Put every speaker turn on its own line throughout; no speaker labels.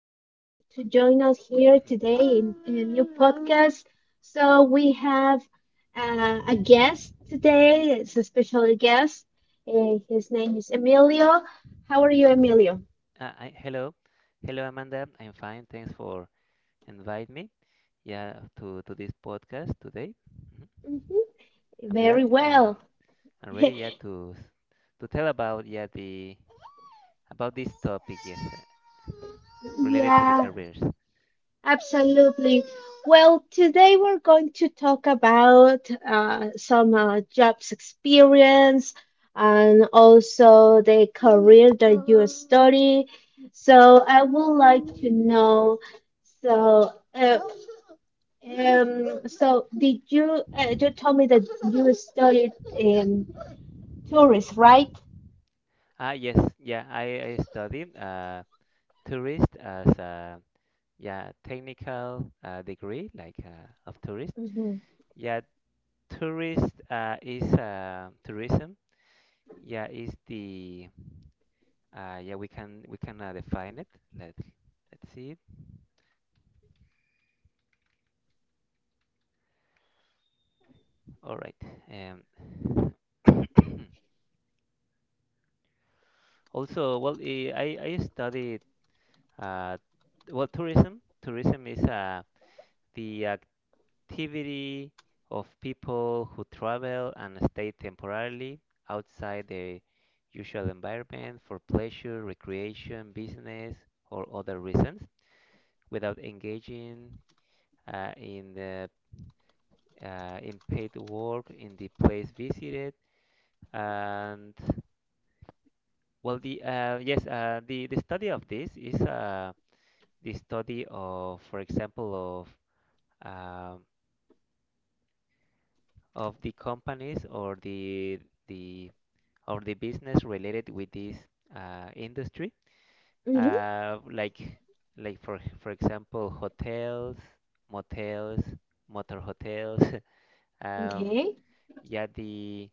to join us here today in a new podcast. So, we have a guest today, it's a special guest. His name is Emilio. How are you, Emilio?
Hello, Amanda. I'm fine. Thanks for inviting me. Yeah, to this podcast today. Mhm.
hmm
I'm glad.
Very well.
I'm ready. Yeah, to tell about the about this topic. Yes, related to the
Yeah.
careers.
Absolutely. Well, today we're going to talk about some jobs experience and also the career that you study. So I would like to know. So, uh, so, did you? You told me that you studied in tourist, right?
Yes. Yeah, I studied tourist as a yeah technical degree of tourist.
Mm-hmm.
Yeah, tourist is tourism. Yeah, is the yeah, we can define it. Let us let's see. All right. Um, also, I studied uh, well, tourism. Tourism is the activity of people who travel and stay temporarily outside their usual environment for pleasure, recreation, business, or other reasons, without engaging uh, in the in paid work in the place visited. And the study of this is the study of, for example, um, of the companies or the the business related with this industry,
Mm-hmm.
uh, like like for example, hotels, motels, motor hotels. um,
Okay.
yeah, the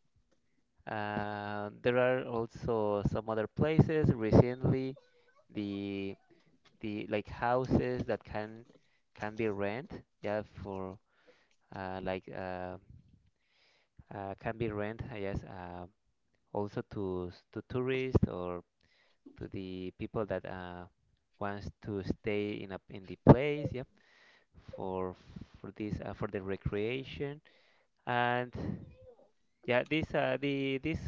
There are also some other places recently, the the like houses that can be rent, for, uh, like uh, can be rent, also to tourists or to the people that wants to stay in the place, for this, for the recreation. And yeah this the this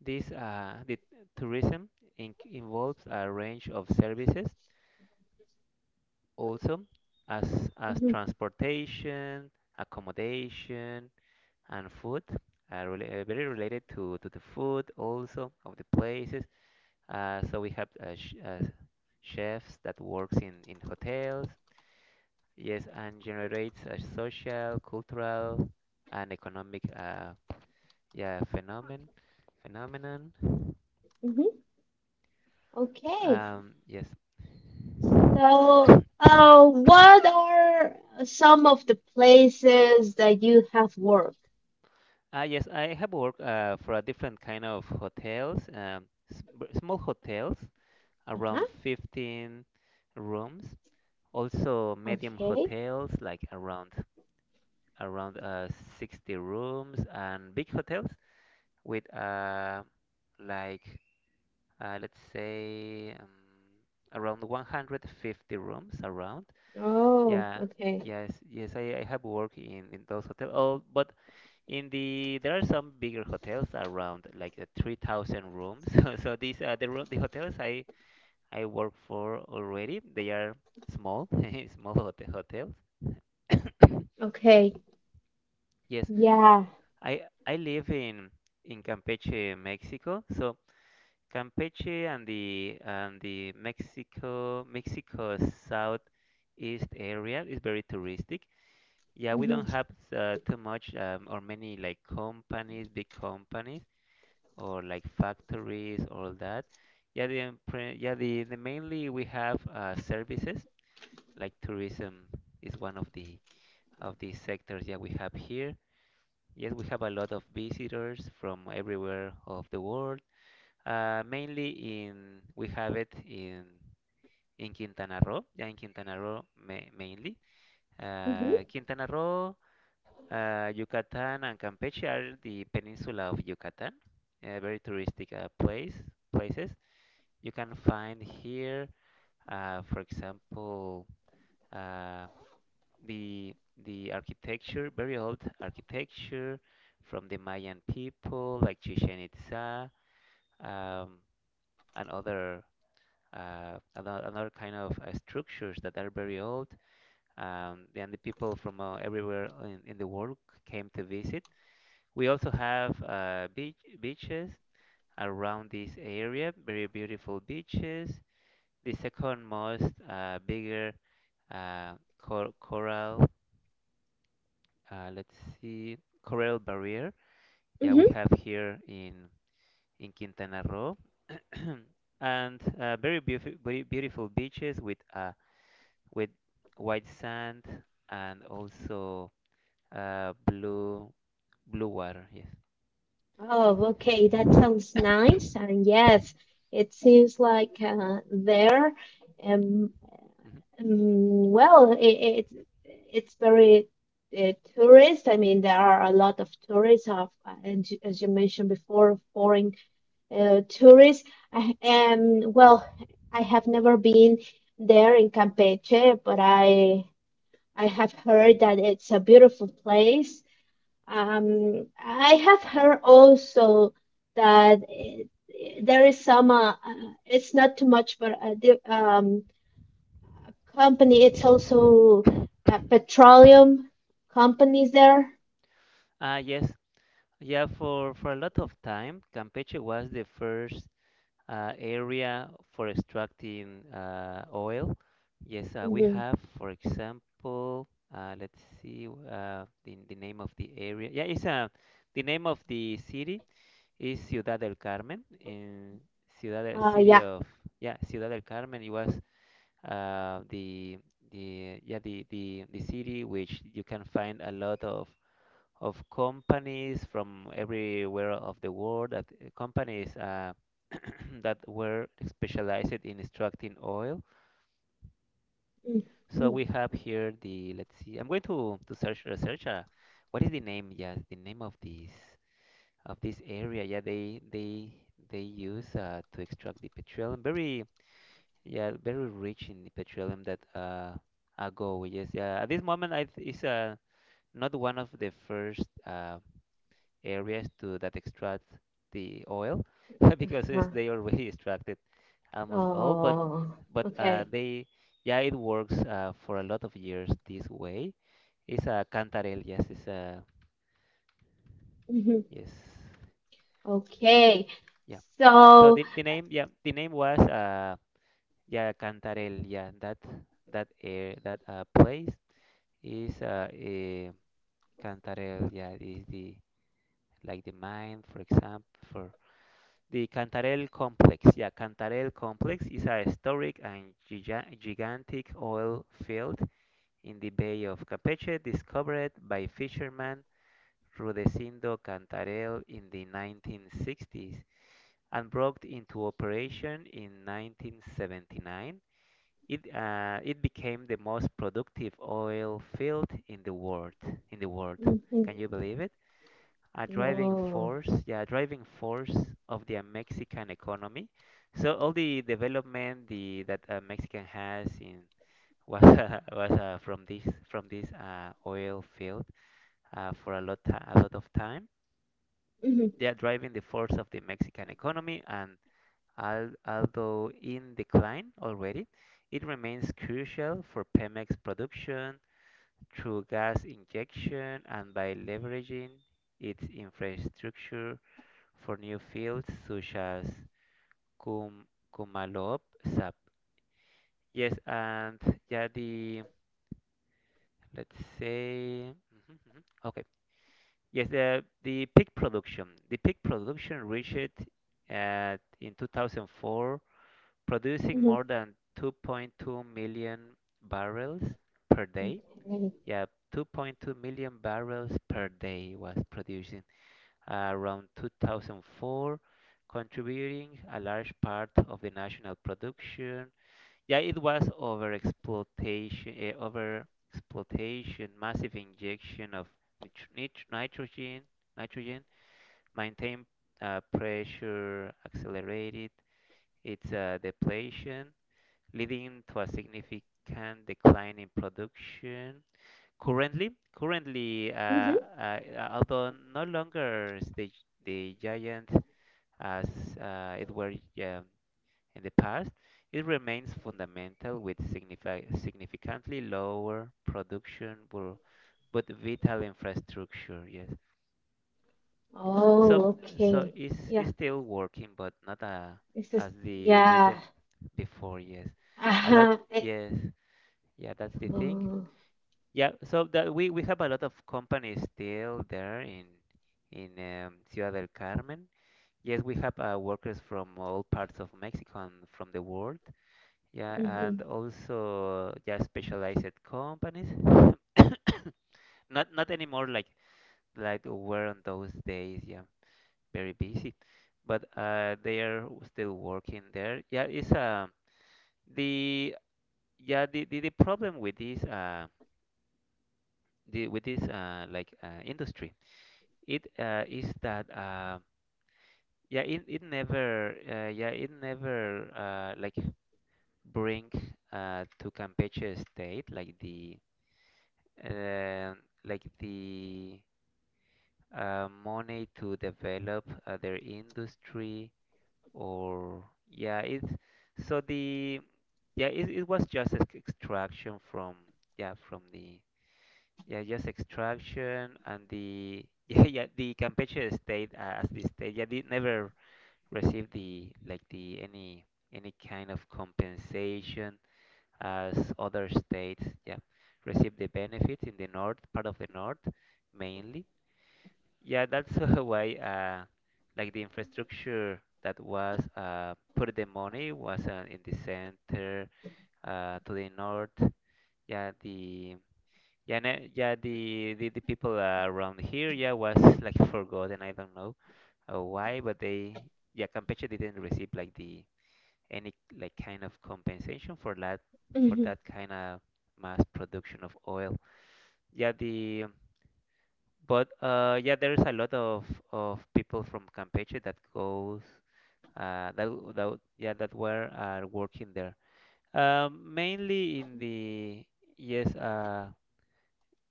This the tourism in involves a range of services, also as
Mm-hmm.
transportation, accommodation, and food. Very related to the food also of the places. So we have sh chefs that works in hotels, yes, and generates a social, cultural, and economic yeah phenomenon phenomenon.
Mm-hmm. Okay.
Yes.
So, what are some of the places that you have worked?
Yes, I have worked for a different kind of hotels, small hotels,
Uh-huh.
around 15 rooms. Also, medium
Okay.
hotels, like around 60 rooms, and big hotels with like let's say around 150 rooms around.
Oh,
Yeah,
okay.
yes, I have worked in those hotels. Oh, but in the there are some bigger hotels around, like 3,000 rooms. The hotels I work for already, they are small, small hotels.
Okay.
Yes,
Yeah.
I live in Campeche, Mexico. So Campeche and the Mexico southeast area is very touristic. Yeah, we
Mm-hmm.
don't have too much, or many like companies, big companies, or like factories, all that. Yeah, the empre- yeah the mainly we have services like tourism is one of the sectors, yeah, we have here. Yes, we have a lot of visitors from everywhere of the world. Mainly in we have it in Quintana Roo. Yeah, in Quintana Roo mainly.
Mm-hmm.
Quintana Roo, Yucatan, and Campeche are the peninsula of Yucatan. Very touristic places you can find here. For example, uh, the the architecture, very old architecture from the Mayan people, like Chichen Itza, um, and another kind of structures that are very old. And the people from everywhere in the world came to visit. We also have beaches around this area, very beautiful beaches. The second most bigger uh, coral, uh, let's see, coral barrier. Yeah, we
Mm-hmm.
have here in Quintana Roo, and very beautiful beaches with with white sand and also uh, blue blue water. Yes.
Oh, okay. That sounds nice. And yes, it seems like there, um,
Mhm.
well, it it's very tourist. I mean, there are a lot of tourists of, and you- as you mentioned before, foreign tourist. I am well. I have never been there in Campeche, but I have heard that it's a beautiful place. I have heard also that it, there is some. It's not too much, but the company. It's also petroleum companies there.
Ah, yes. Yeah, for a lot of time, Campeche was the first area for extracting oil. Yes, we
hmm
have, for example, the name of the area. Yeah, it's the name of the city is Ciudad del Carmen. In Ciudad del City
Yeah.
of Yeah, Ciudad del Carmen. It was uh, the the yeah the city which you can find a lot of companies from everywhere of the world, that companies that were specialized in extracting oil. So we have here the, let's see, I'm going to search research. What is the name? Yes, the name of this, area. Yeah, they use to extract the petroleum. Very rich in the petroleum that ago. Yes, yeah. At this moment, is not one of the first areas to that extract the oil because it's,
Mm-hmm.
they already extracted almost all,
Oh,
but
okay.
they yeah, it works for a lot of years this way. It's a cantarel, yes, it's a
Mhm.
yes,
Okay,
yeah. So
so
the name was yeah cantarel, yeah, that place is a cantarel, yeah, is the like the mine, for example, for The Cantarell Complex. Yeah, Cantarell Complex is a historic and gigantic oil field in the Bay of Campeche, discovered by fisherman Rudecindo Cantarell in the 1960s and brought into operation in 1979. It became the most productive oil field in the world. In the world,
mhm.
can you believe it? A driving
Oh,
force, yeah, a driving force of the Mexican economy. So all the development the that Mexican has in was was from this, oil field, for a lot of time.
mhm,
They are driving the force of the Mexican economy, and although in decline already, it remains crucial for Pemex production through gas injection and by leveraging its infrastructure for new fields such as Kum, Kumalop, SAP. Yes, and yeah, the let's say mhm, mhm. Okay. Yes, the peak production. The peak production reached at in 2004, producing
mhm,
more than 2.2 million barrels per day.
okay,
Yeah, 2.2 million barrels per day was produced in around 2004, contributing a large part of the national production. Yeah, it was over exploitation, massive injection of nitrogen, nitrogen, maintained pressure, accelerated its depletion, leading to a significant decline in production. Currently,
mhm.
although no longer is the giant as it were, um, in the past, it remains fundamental with significantly lower production, but vital infrastructure. Yes,
Oh,
so
okay, yeah,
it's still working, but not
this is
as the
yeah,
rhythm before. Yes, a lot.
uh-huh. I-
Yes, yeah, that's the thing.
oh,
Yeah, so that we have a lot of companies still there in Ciudad del Carmen. Yes, we have workers from all parts of Mexico and from the world. Yeah,
mhm,
and also, yeah, specialized companies. Not, not anymore like were on those days. Yeah, very busy, but they are still working there. Yeah, it's the the problem with this, industry, It is that it never like, bring to Campeche state uh, like the money to develop their industry, or yeah it so the yeah it was just extraction from yeah from the yeah just extraction. And the the Campeche state, as the state, it never receive the like the any kind of compensation, as other states, yeah, receive the benefits in the north part of the north mainly. Yeah, that's why, like the infrastructure that was, put the money, was in the center, to the north. Yeah the yeah, ne- yeah, the people around here, yeah, was like forgotten. I don't know why, but Campeche didn't receive like the any like kind of compensation for that, for
mhm,
that kind of mass production of oil. Yeah, the yeah, there is a lot of people from Campeche that goes that that yeah that were are working there. Mainly in the yes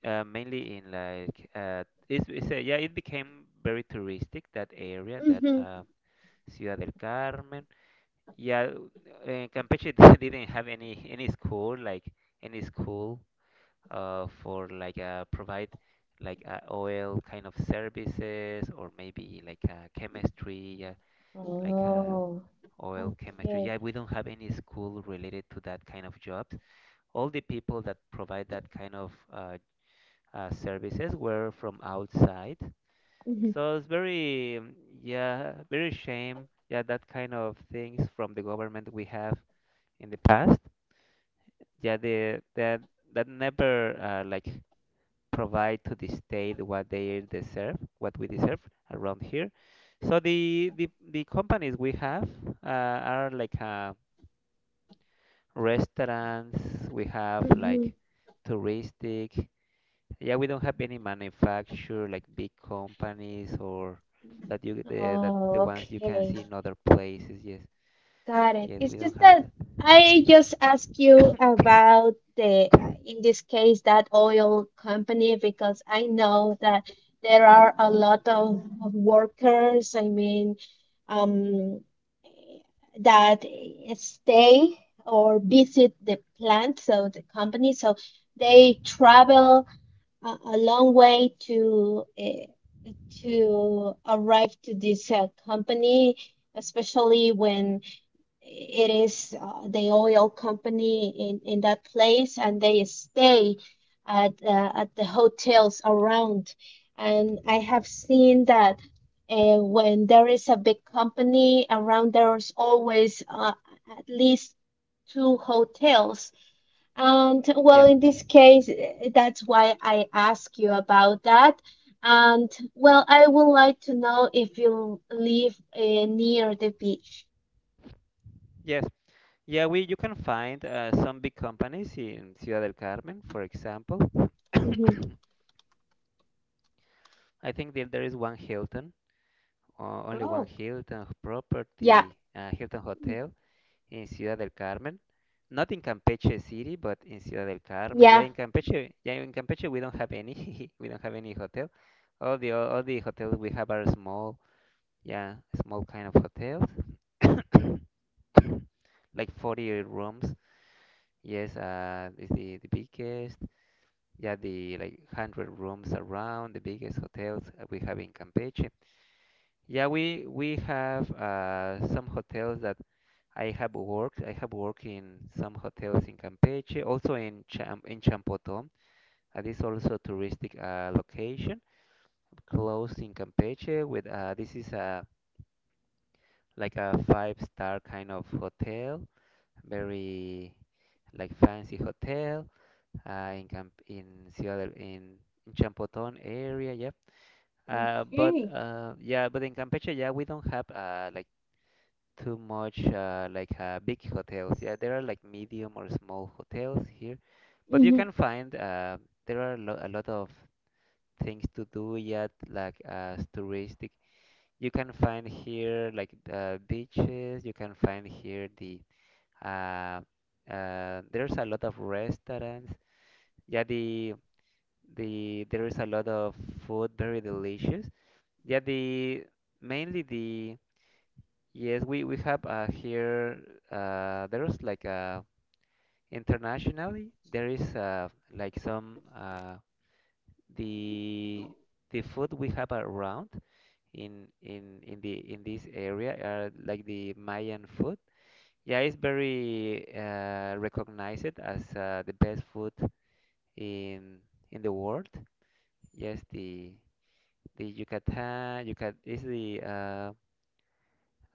mainly in like it's a, yeah it became very touristic, that area, that
mhm.
Ciudad del Carmen. Yeah, Campeche didn't have any school, any school for provide oil kind of services, or maybe chemistry, yeah, like uh,
Oh,
oil chemistry.
okay,
Yeah, we don't have any school related to that kind of jobs. All the people that provide that kind of services were from outside.
mhm,
So it's very yeah, very shame, yeah, that kind of things from the government we have in the past. Yeah the that that never like provide to the state what they deserve, what we deserve around here. So the companies we have uh, are like restaurants. We have
mhm.
like touristic, yeah. We don't have any manufacture like big companies or that that the
Oh,
ones you can
okay.
see in other places, yes.
Got it.
Yes,
It's
we don't
just
have
that
that,
I just ask you about the, in this case, that oil company, because I know that there are a lot of workers, I mean, um, that stay or visit the plant, so the company, so they travel a long way to arrive to this company, especially when it is the oil company in that place and they stay at the hotels around and I have seen that when there is a big company around there's always at least two hotels and well
yeah.
in this case that's why I ask you about that and well I would like to know if you live near the beach.
Yes, yeah, we you can find some big companies in Ciudad del Carmen, for example.
Mhm.
I think that there is one Hilton, only one
Oh.
Hilton
Yeah.
property, Hilton Hotel in Ciudad del Carmen. Not in Campeche City, but in Ciudad del Carmen.
Yeah.
Yeah, in Campeche we don't have any. We don't have any hotel. All the hotels we have are small, yeah, small kind of hotels. Like 40 rooms. Yes, is the biggest. Yeah, the like 100 rooms around the biggest hotels we have in Campeche. Yeah, we have some hotels that I have worked. I have worked in some hotels in Campeche, also in Champotón. This is also a touristic location close in Campeche with this is a like a five-star kind of hotel, very like fancy hotel in Camp in Ciudad del- in Champotón area. Yeah. Uh, but
Okay.
uh, yeah, but in Campeche, yeah, we don't have like too much big hotels. Yeah, there are like medium or small hotels here, but you
hmm
can find there are lo a lot of things to do yet, like as touristic. You can find here like beaches. You can find here uh, there's a lot of restaurants. Yeah, the there is a lot of food, very delicious. Yeah, the mainly the Yes, we have here there's internationally there is like some the the food we have around in this area are like the Mayan food. Yeah, it's very recognized as the best food in in the world. Yes, the Yucatan, Yucat is the uh,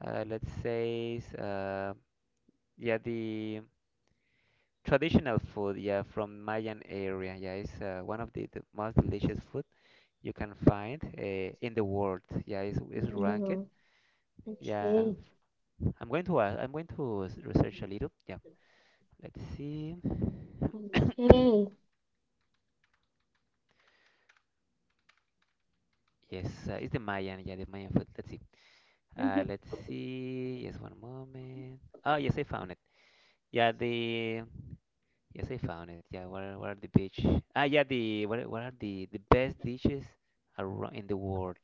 uh, let's say yeah the traditional food, yeah, from Mayan area. Yeah, it's one of the most delicious food you can find in the world. Yeah, it's ranked,
No.
yeah.
Okay.
I'm going to research a little, yeah, let's see.
Okay.
Yes, it's the Mayan, yeah, the Mayan food, let's see.
hmm
Let's see, yes, one moment. Oh yes, I found it. Yeah the Yes, I found it. Yeah, what are the beach? Ah, yeah, the what, what are the best dishes around in the world?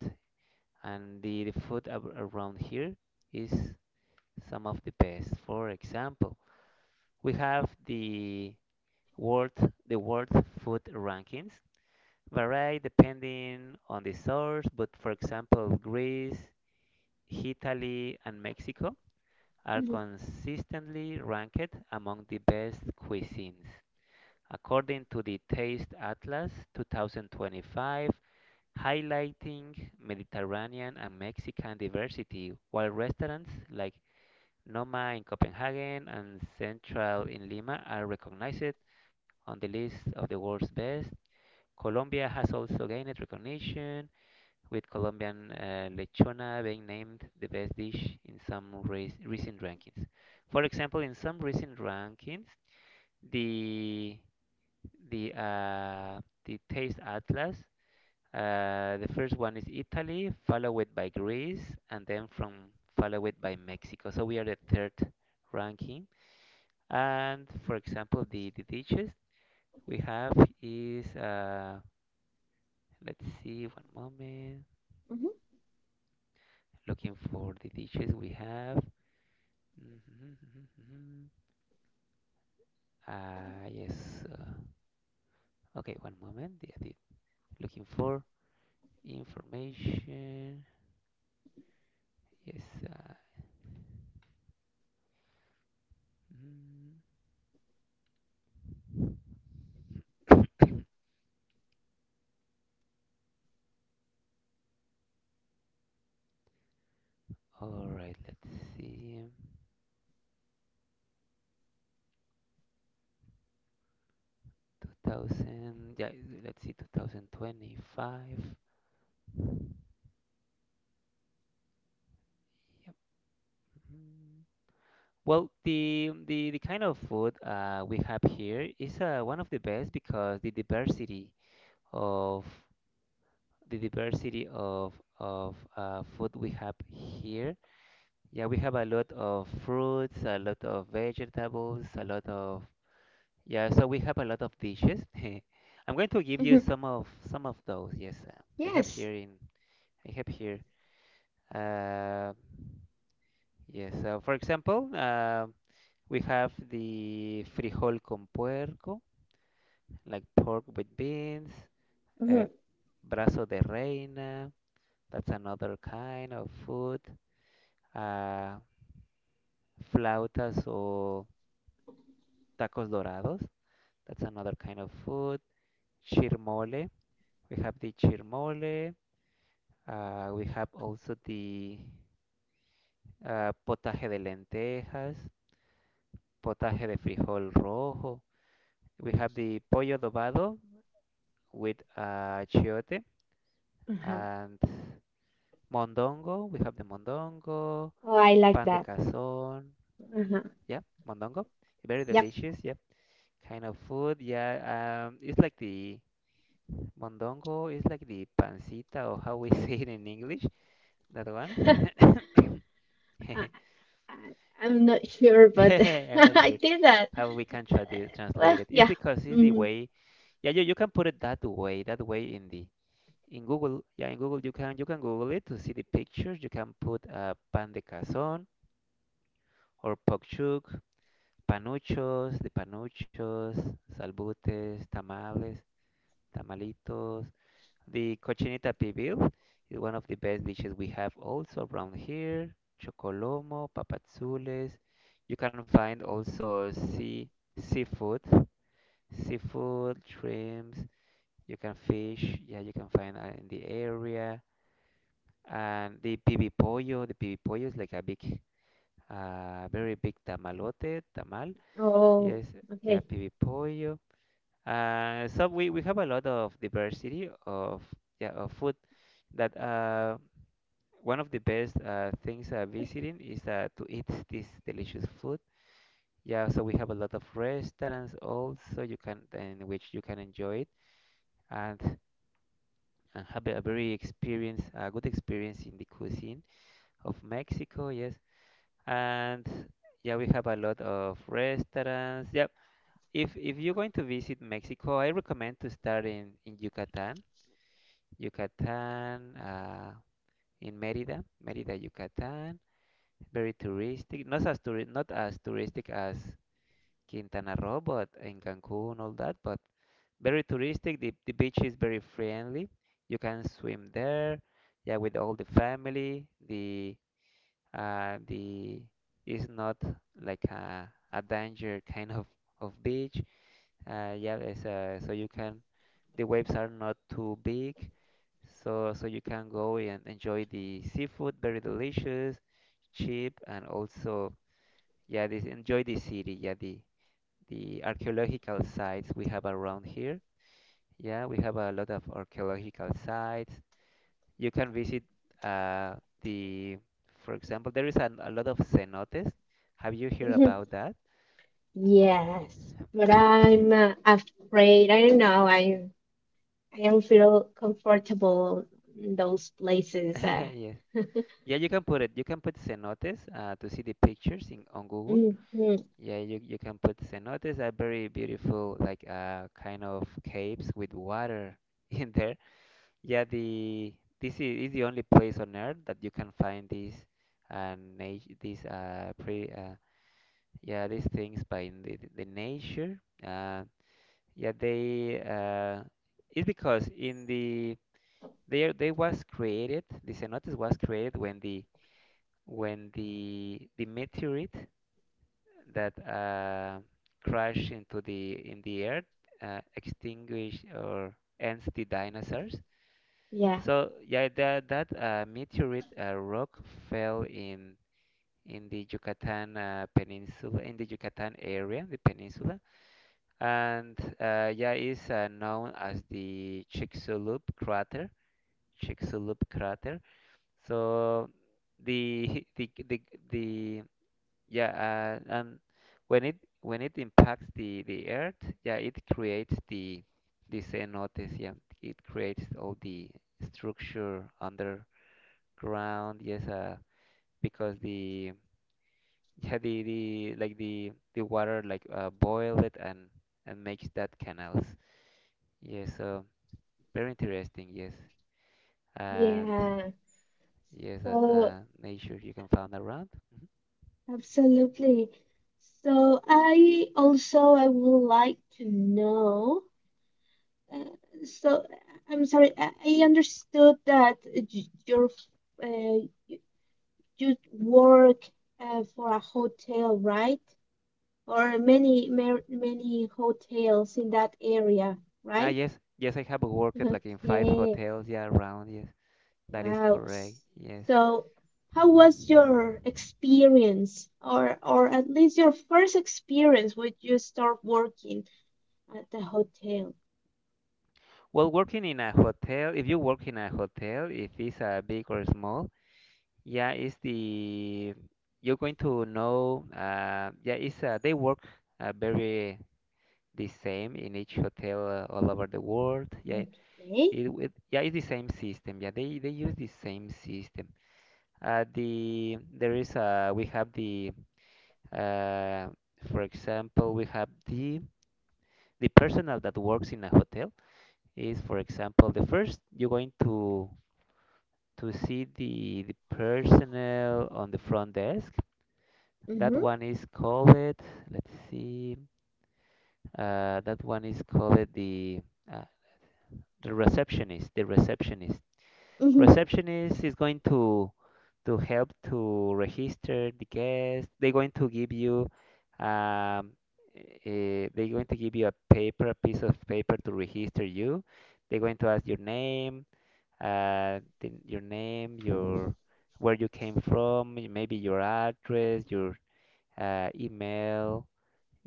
And the food ab around here is some of the best. For example, we have world the world food rankings vary depending on the source, but for example, Greece, Italy, and Mexico are
hmm
consistently ranked among the best cuisines, according to the Taste Atlas 2025, highlighting Mediterranean and Mexican diversity, while restaurants like Noma in Copenhagen and Central in Lima are recognized on the list of the world's best. Colombia has also gained recognition, with Colombian lechona being named the best dish in recent rankings. For example, in some recent rankings, the the Taste Atlas. The first one is Italy, followed by Greece, and then from followed by Mexico. So we are the third ranking. And for example, the dishes we have is let's see, one moment.
hmm
Looking for the dishes we have. Mhm, mhm, mhm. Ah yes. Uh, okay, one moment. Looking for information. Yes. Mm. All right, let's see. 2000, yeah, let's see, 2025. Yep. Mhm. Well, the kind of food we have here is one of the best because the diversity of food we have here. Yeah, we have a lot of fruits, a lot of vegetables, a lot of yeah. So we have a lot of dishes. I'm going to give you
hmm
some of those. Yes,
Yes.
I have here. Uh, yes, so for example, we have the frijol con puerco, like pork with beans,
hmm
uh, brazo de reina. That's another kind of food. Uh, flautas or tacos dorados, that's another kind of food. Chirmole, we have the chirmole. We have also the potaje de lentejas, potaje de frijol rojo. We have the pollo adobado with chiote
Uh-huh.
and mondongo. We have the mondongo,
Oh, I like
pan de
that.
cazón.
Uh-huh.
Yeah, mondongo. Very
Yep.
delicious. Yep. Yeah. Kind of food. Yeah. It's like the mondongo. It's like the pancita, or how we say it in English. That one.
I, I, I'm not sure, but
I'm not
I
sure
did that.
how we can
Well,
translate it. It's
yeah.
because it's the
Mm.
way. Yeah, you can put it that way. That way in the in Google, yeah, in Google you can Google it to see the pictures. You can put pan de cazón or pokchuk, panuchos, the panuchos, salbutes, tamales, tamalitos. The cochinita pibil is one of the best dishes we have also around here. Chocolomo, papazules. You can find also seafood, seafood, shrimps. You can fish. Yeah, you can find in the area. And the pibi pollo is like a big, very big tamalote, tamal.
Oh,
Yes,
okay.
yeah, pibi pollo. So we have a lot of diversity of yeah of food that one of the best things visiting is to eat this delicious food. Yeah, so we have a lot of restaurants also you can in which you can enjoy it and, and have a very experience, a good experience in the cuisine of Mexico. Yes. And yeah, we have a lot of restaurants. Yep. If you're going to visit Mexico, I recommend to start in Yucatan. Yucatan, in Mérida, Mérida, Yucatan. Very touristic. Not as touristic as Quintana Roo, but in Cancun, all that. But very touristic. The beach is very friendly. You can swim there. Yeah, with all the family. The It's not like a danger kind of beach. Yeah, it's, so you can the waves are not too big, so you can go and enjoy the seafood, very delicious, cheap, and also yeah, this enjoy the city. The archaeological sites we have around here. Yeah, we have a lot of archaeological sites you can visit uh, the, for example. There is a lot of cenotes. Have you heard
Mhm.
about that?
Yes, but I'm afraid. I don't know. I don't feel comfortable in those places.
Yes. Yeah, you can put it. You can put cenotes to see the pictures in on Google.
Hmm
Yeah, you can put cenotes are very beautiful, like kind of caves with water in there. Yeah, the This is the only place on Earth that you can find these nat these pre yeah these things by in the nature. Yeah, they it's because in the there they was created, the cenotes was created when the when the meteorite that crashed into the in the earth extinguished or ends the dinosaurs.
Yeah,
So yeah, that that meteorite rock fell in the Yucatan peninsula, in the Yucatan area, the peninsula, and yeah, is known as the Chicxulub crater. Chicxulub crater. So the the yeah, and when it impacts the Earth, yeah, it creates the cenotes. Yeah, it creates all the structure underground. Yes, because the yeah the like the water like boil it and makes that canals. Yes, so very interesting, yes. And
yeah.
yes,
So
nature you can find around. Mhm.
absolutely. So I also I would like to know. Uh, so I'm sorry. I understood that uh, you work for a hotel, right? Or many many hotels in that area,
Ah,
right?
yes, yes, I have worked like in five
Okay.
hotels, yeah, around, yes. That is
Wow.
correct, yes.
So, how was your experience, or at least your first experience when you start working at the hotel?
Well, working in a hotel, if you work in a hotel, if it's big or small, yeah, you're going to know, yeah, it's, they work very the same in each hotel all over the world, yeah.
Okay.
It yeah, it's the same system. Yeah, they use the same system. The there is We have the uh for example we have the personnel that works in a hotel is for example the first you're going to see the personnel on the front desk.
Mhm.
That one is called, let's see, uh, that one is called uh, the receptionist. The receptionist.
Mhm.
Receptionist is going to help to register the guest. They're going to give you um, they're going to give you a paper, a piece of paper to register you. They're going to ask your name, your name, your where you came from, maybe your address, your email,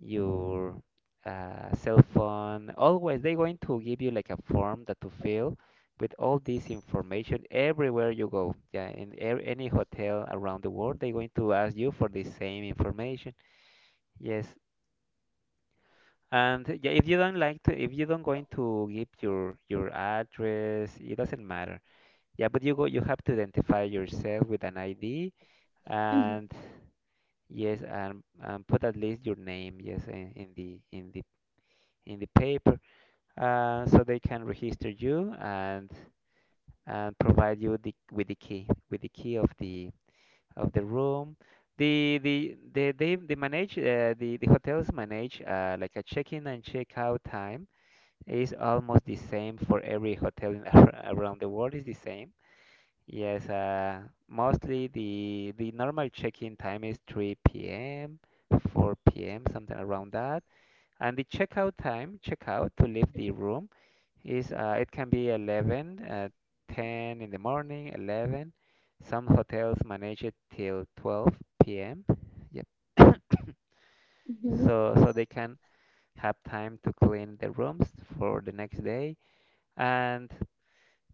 your cell phone. Always, they're going to give you like a form that to fill with all this information everywhere you go. Yeah, in a any hotel around the world, they're going to ask you for the same information. Yes. And yeah, if you don't like to, if you don't going to give your address, it doesn't matter. Yeah, but you go, you have to identify yourself with an ID,
Mhm.
and yes, and put at least your name, yes, in the in the paper. So they can register you and provide you the, with the key of the room. They manage the hotels manage like a check-in and check-out time is almost the same for every hotel in, around the world is the same. Yes, mostly the normal check-in time is 3 p.m., 4 p.m., something around that, and the checkout time, checkout to leave the room is it can be 11, 10 in the morning, 11. Some hotels manage it till 12 p.m. Yep.
Mhm.
So they can have time to clean the rooms for the next day. And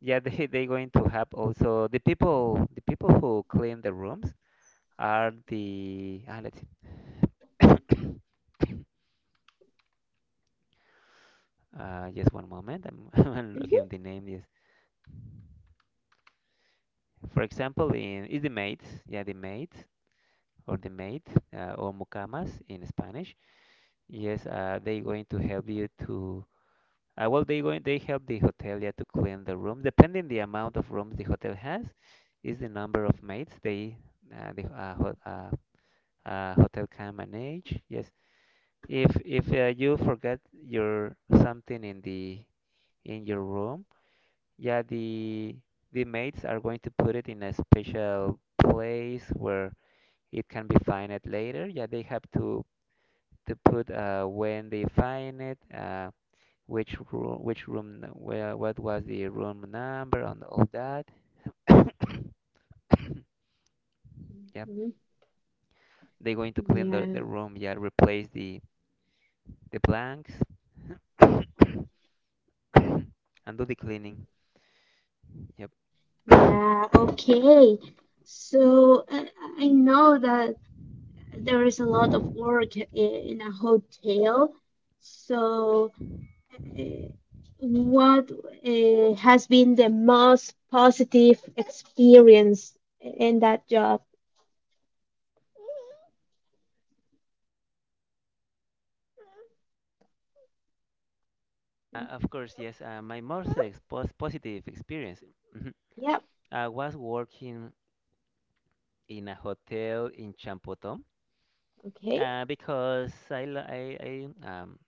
yeah, they going to have also the people who clean the rooms are the let's see. Just one moment. I'm looking
Mhm.
at the name. Is. For example, in is the mate, yeah, the mate or mucamas in Spanish. Yes, they going to help you to. Well, they going they help the hotel, yeah, to clean the room. Depending the amount of rooms the hotel has, is the number of maids they the ho hotel can manage. Yes, if you forget your something in the in your room, yeah, the maids are going to put it in a special place where it can be fined later. Yeah, they have to put when they find it, which room, where, what was the room number, and all that. Yeah,
Mhm.
they're going to clean the
Yeah.
room. Yeah, replace the blanks and do the cleaning. Yep.
Yeah. Okay. So I know that there is a lot of work in a hotel. So uh, what has been the most positive experience in that job?
Of course, yes. My most expos positive experience mhm,
Yep.
I was working in a hotel in Champotón.
Okay.
Because I, l- I,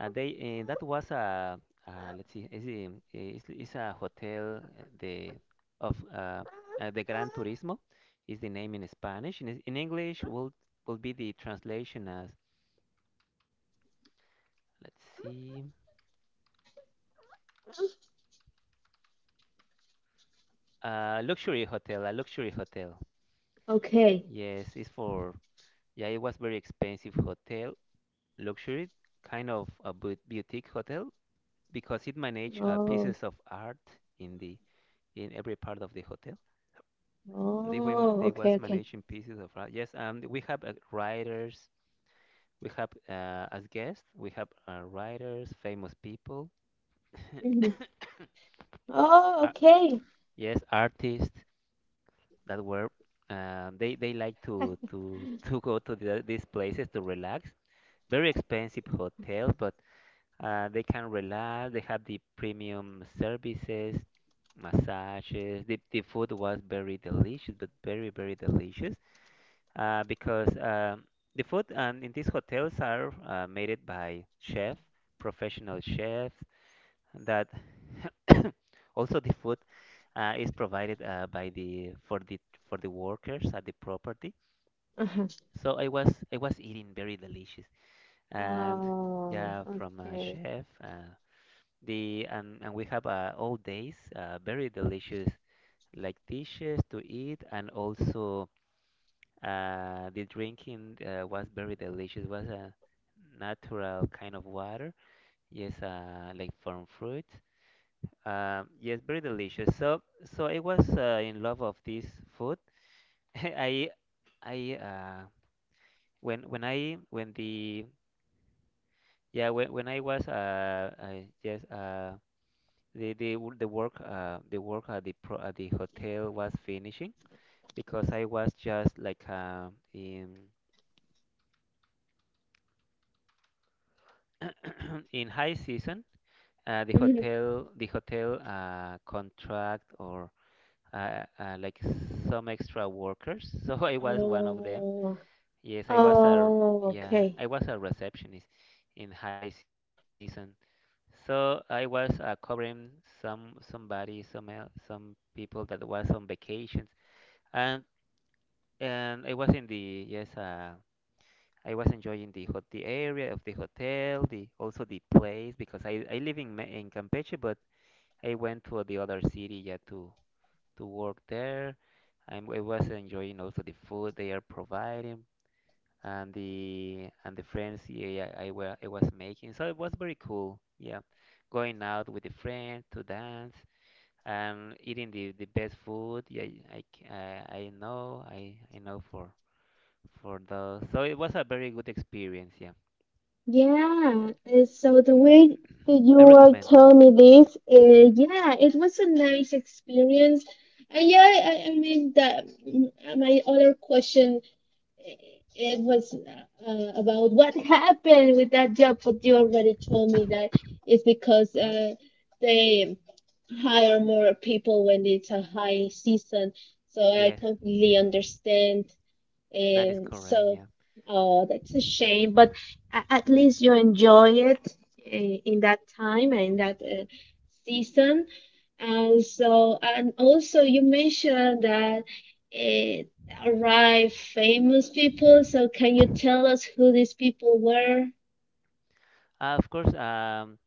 they that was a let's see, is a hotel the of the Gran Turismo is the name in Spanish. In English will be the translation as let's see, luxury hotel, a luxury hotel.
Okay.
Yes, it's for yeah, it was very expensive hotel, luxury kind of a boutique hotel because it managed
Oh.
pieces of art in the in every part of the hotel. They were
Oh.
they
Okay.
was
Okay.
managing pieces of art. Yes, we have writers. We have as guests. We have writers, famous people.
hmm Oh.
Ar-
Okay.
yes, artists that were. They like to go to the, these places to relax. Very expensive hotels, but they can relax. They have the premium services massages. The food was very delicious, but very, very delicious. Because the food and in these hotels are made it by chef, professional chefs. That also the food is provided by the for the for the workers at the property.
Uh-huh.
So I was eating very delicious and
Oh.
yeah from a
Okay.
chef. The And we have all days very delicious like dishes to eat and also the drinking was very delicious. Was a natural kind of water. Yes, like from fruit. Yes, very delicious. So I was in love of this food. I, I, uh, when I when the yeah when I was I just the work at the pro at the hotel was finishing because I was just like in in high season.
hmm
The hotel contract or like some extra workers. So I was one of them.
Oh.
Yes, I was a
Oh.
yeah,
Okay.
I was a receptionist in high season. So I was covering some somebody, some el- some people that was on vacations, and and I was in the yes, I was enjoying the hot the area of the hotel, the also the place because I live in Campeche, but I went to the other city, yeah, to work there. I was enjoying also the food they are providing and the friends yeah, I was making. So it was very cool, yeah. Going out with the friends to dance and eating the best food. Yeah, I know I know for those. So it was a very good experience, yeah.
Yeah, so the way that
I
you are
recommend
telling me
it.
this, yeah, it was a nice experience. And yeah, I mean that my other question, eh, it was about what happened with that job, but you already told me that it's because
Mhm.
they hire more people when it's a high season. So I
Yes,
completely understand
that is
and
correct,
so,
yeah.
oh, that's a shame, but a- at least you enjoy it in that time and in that season. And so, and also you mentioned that it arrived famous people. So can you tell us who these people were?
Of course.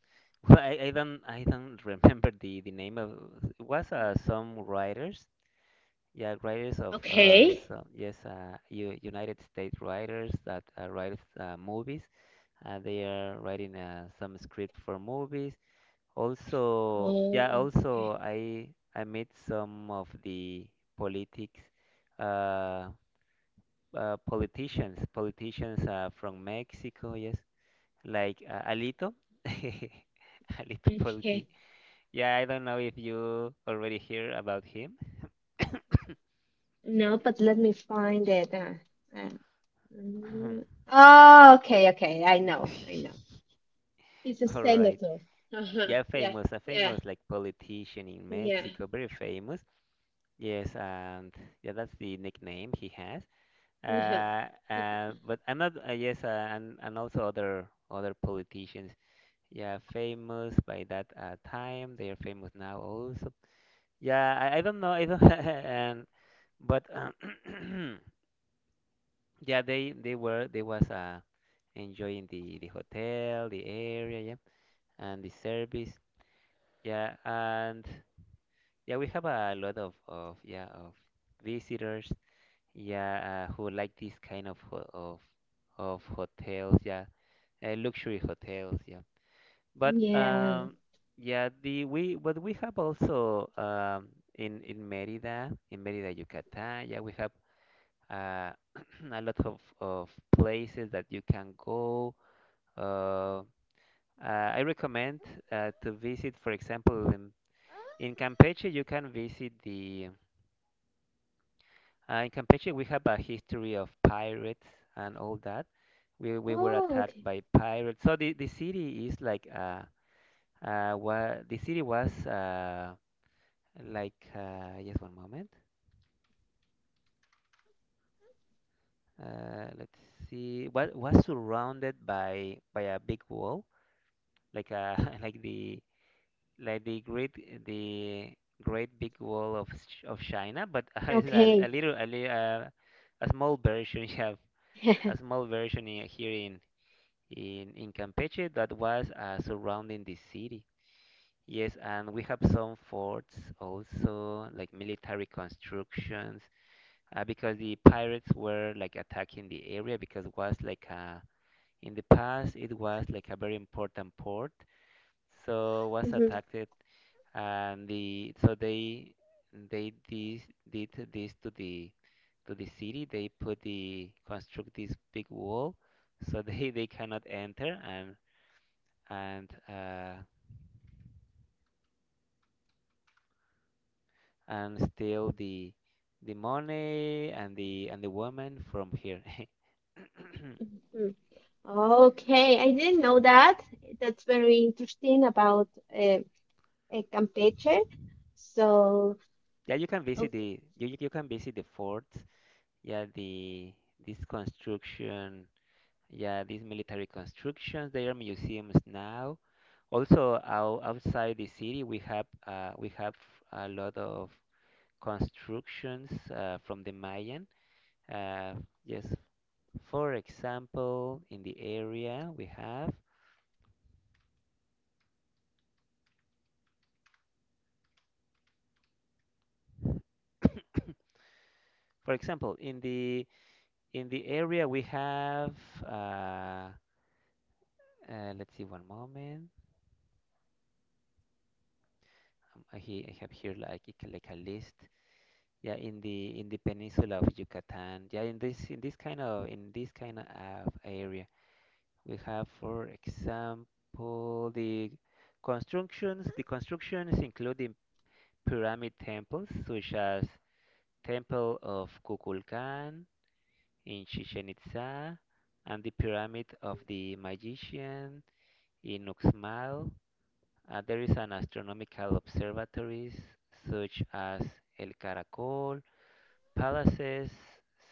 well, I don't remember the name of it was some writers. Yeah, writers of
Okay.
some, yes, U United States writers that write movies. They are writing some script for movies. Also, yeah,
Oh, okay.
also I met some of the politics, uh, politicians, politicians from Mexico. Yes, like Alito, Alito Politi.
Okay.
Yeah, I don't know if you already hear about him.
No, but let me find it. Uh, mm. Oh, okay, okay. I know, I know. He's a
All right.
senator. Uh-huh.
Yeah,
Yeah.
famous, a
Yeah.
famous like politician in
Yeah.
Mexico, very famous. Yes, and yeah, that's the nickname he has.
Uh-huh.
But I'm not. Yes, and also other other politicians. Yeah, famous by that time. They are famous now also. Yeah, I don't know. I don't. and. But yeah, they was enjoying the hotel, the area, yeah, and the service, yeah, and yeah, we have a lot of yeah of visitors, yeah, who like this kind of ho of hotels, yeah, luxury hotels, yeah. But
Yeah.
yeah, the we but we have also in Mérida, Yucatán, yeah, we have uh, a lot of places that you can go. Uh, I recommend to visit, for example, in Campeche, you can visit the. In Campeche, we have a history of pirates and all that. We were
Oh,
attacked
okay.
by pirates. So the city is like wa the city was like just one moment. Let's see. What was surrounded by a big wall like like the like the great big wall of China, but it's a,
Okay.
a small version you have a small version here in Campeche that was surrounding the city. Yes, and we have some forts also, like military constructions, because the pirates were like attacking the area because was like a in the past it was like a very important port, so was
Mhm,
attacked and the so they this did this to the city they put the construct this big wall so they cannot enter and uh and steal the money and the woman from here.
mhm. Okay, I didn't know that. That's very interesting about uh, Campeche. So,
Yeah, you can visit
okay.
the you you can visit the fort, yeah, the this construction. Yeah, these military constructions, they are museums now. Also, outside the city, we have a lot of constructions from the Mayan. Uh, yes, for example, in the area we have, for example, in the area we have. Uh, let's see, one moment. I have here like a list. Yeah, in the peninsula of Yucatan. Yeah, in this kind of area, we have, for example, the constructions. The constructions including pyramid temples such as Temple of Kukulkan in Chichen Itza and the Pyramid of the Magician in Uxmal. There is an astronomical observatories such as El Caracol, palaces,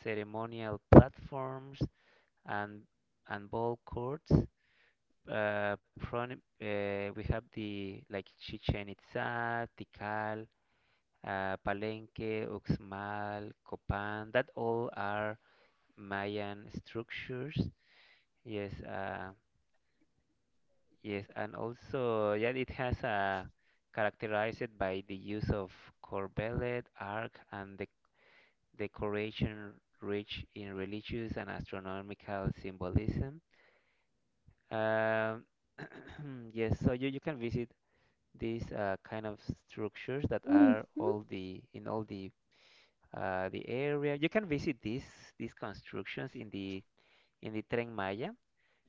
ceremonial platforms, and and ball courts. We have the like Chichen Itza, Tikal, Palenque, Uxmal, Copan. That all are Mayan structures. Yes, yes, and also yeah, it has a characterized by the use of corbelet, arc, and the decoration rich in religious and astronomical symbolism. Um, yes, so you can visit these kind of structures that
hmm
are all the in all the area. You can visit these constructions in the Tren Maya.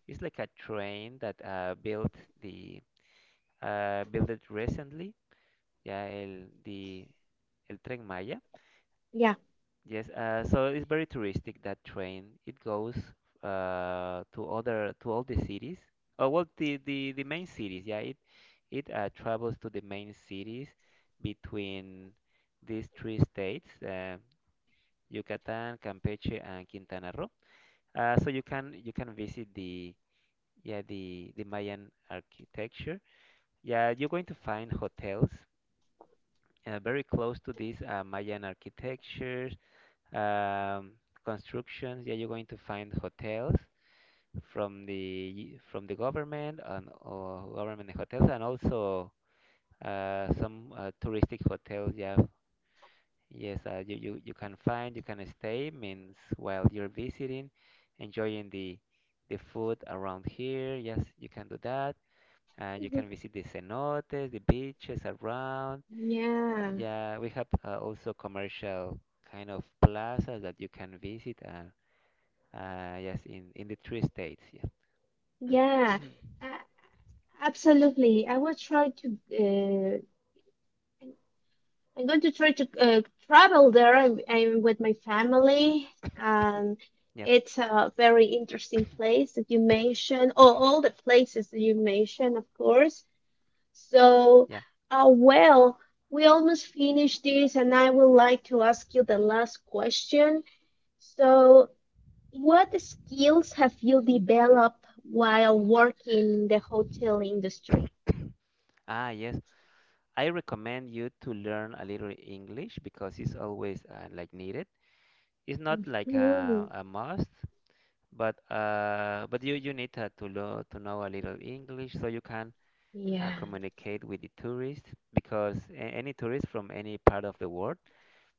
It's like a train that built the built it recently. Yeah, el Tren Maya.
Yeah.
Yes, so it's very touristic that train. It goes to other to all the cities. Oh well, the main cities. Yeah, it travels to the main cities between these three states, Yucatan, Campeche, and Quintana Roo. So you can visit the the Mayan architecture. Yeah, you're going to find hotels very close to this Mayan architecture. um, Constructions. Yeah, you're going to find hotels from the government and or government hotels, and also some touristic hotels. Yeah, yes, you can find you can stay means while you're visiting, enjoying the food around here. Yes, you can do that. And you
Mhm.
can visit the cenotes, the beaches around.
Yeah,
Yeah, we have also commercial kind of plazas that you can visit. Yes, in the three states. Yeah.
yeah, uh, absolutely. I will try to. Uh. I'm going to try to travel there. I'm with my family, and
Yep.
it's a very interesting place that you mentioned. Oh, all the places that you mentioned, of course. So,
Yeah.
well, we almost finished this, and I would like to ask you the last question. So, what skills have you developed while working in the hotel industry?
Ah, yes. I recommend you to learn a little English because it's always like needed. It's not like a,
hmm
a must, but you need to know a little English so you can
Yeah.
communicate with the tourists because a any tourist from any part of the world,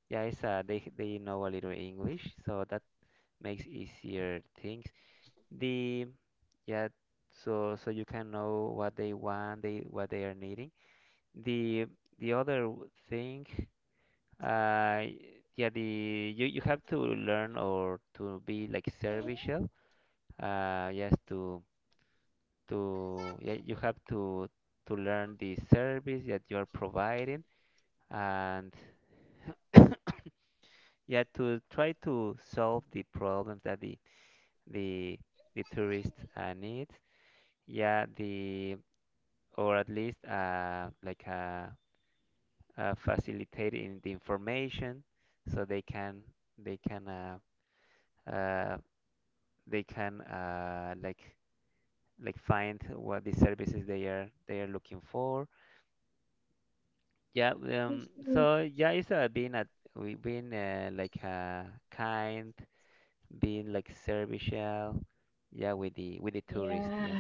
yeah, it's, they know a little English, so that makes easier things The yeah, so so you can know what they want, they what they are needing. The the other thing, uh, yeah, the you you have to learn or to be like serviceable. Yes, you have to learn the service that you are providing, and yeah, to try to solve the problems that the the tourist needs. Yeah, the Or at least facilitating the information so they can they can uh, they can like find what the services they are looking for. Yeah.
Mhm.
So yeah, it's being a we being kind, being like servicial. Yeah, with the tourist.
Yeah.
Yeah.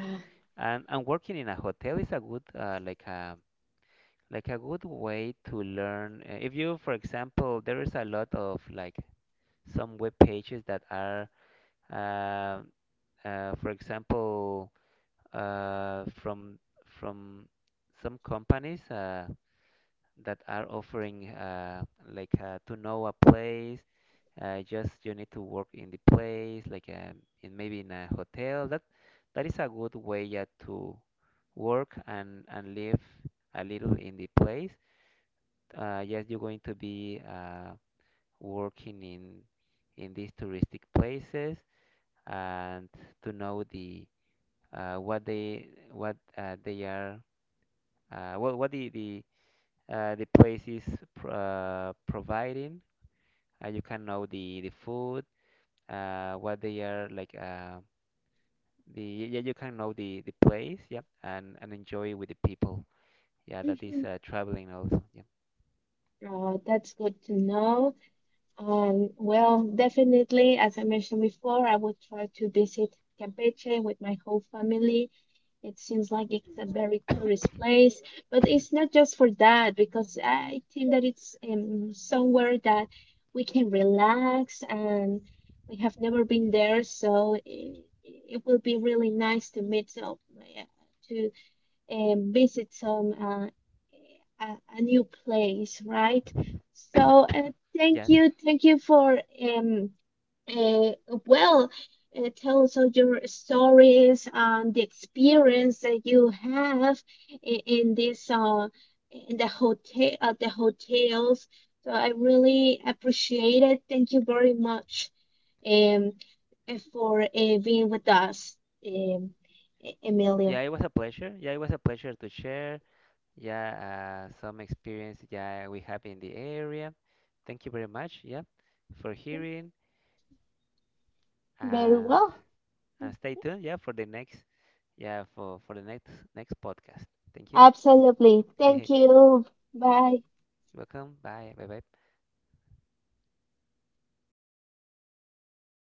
And working in a hotel is a good like a good way to learn if you for example there is a lot of like some web pages that are uh, for example uh, from from some companies that are offering to know a place just you need to work in the place like in maybe in a hotel that that is a good way yeah to work and live a little in the place yes, you're going to be working in these touristic places and to know the what they are what the place is pr providing. You can know the food, what they are like. The Yeah, you can know the place, yeah, and enjoy with the people. Yeah, that is
Mhm.
traveling also. Yeah.
Oh, that's good to know. Well, definitely, as I mentioned before, I would try to visit Campeche with my whole family. It seems like it's a very tourist place, but it's not just for that, because I think that it's somewhere that we can relax and we have never been there, so it will be really nice to meet up, to and visit some a new place, right? So
Yes.
thank you for um uh, well tell us all your stories and the experience that you have in this in the hotel at the hotels. So I really appreciate it. Thank you very much um for being with us, um, E-
Yeah,
Emilio.
it was a pleasure. Yeah, it was a pleasure to share. Yeah, some experience yeah we have in the area. Thank you very much, yeah, for hearing
Very
and
well.
and stay tuned, yeah, for the next yeah for for the next next podcast. Thank you.
Absolutely. Thank you. Bye.
Welcome. Bye. Bye. Bye.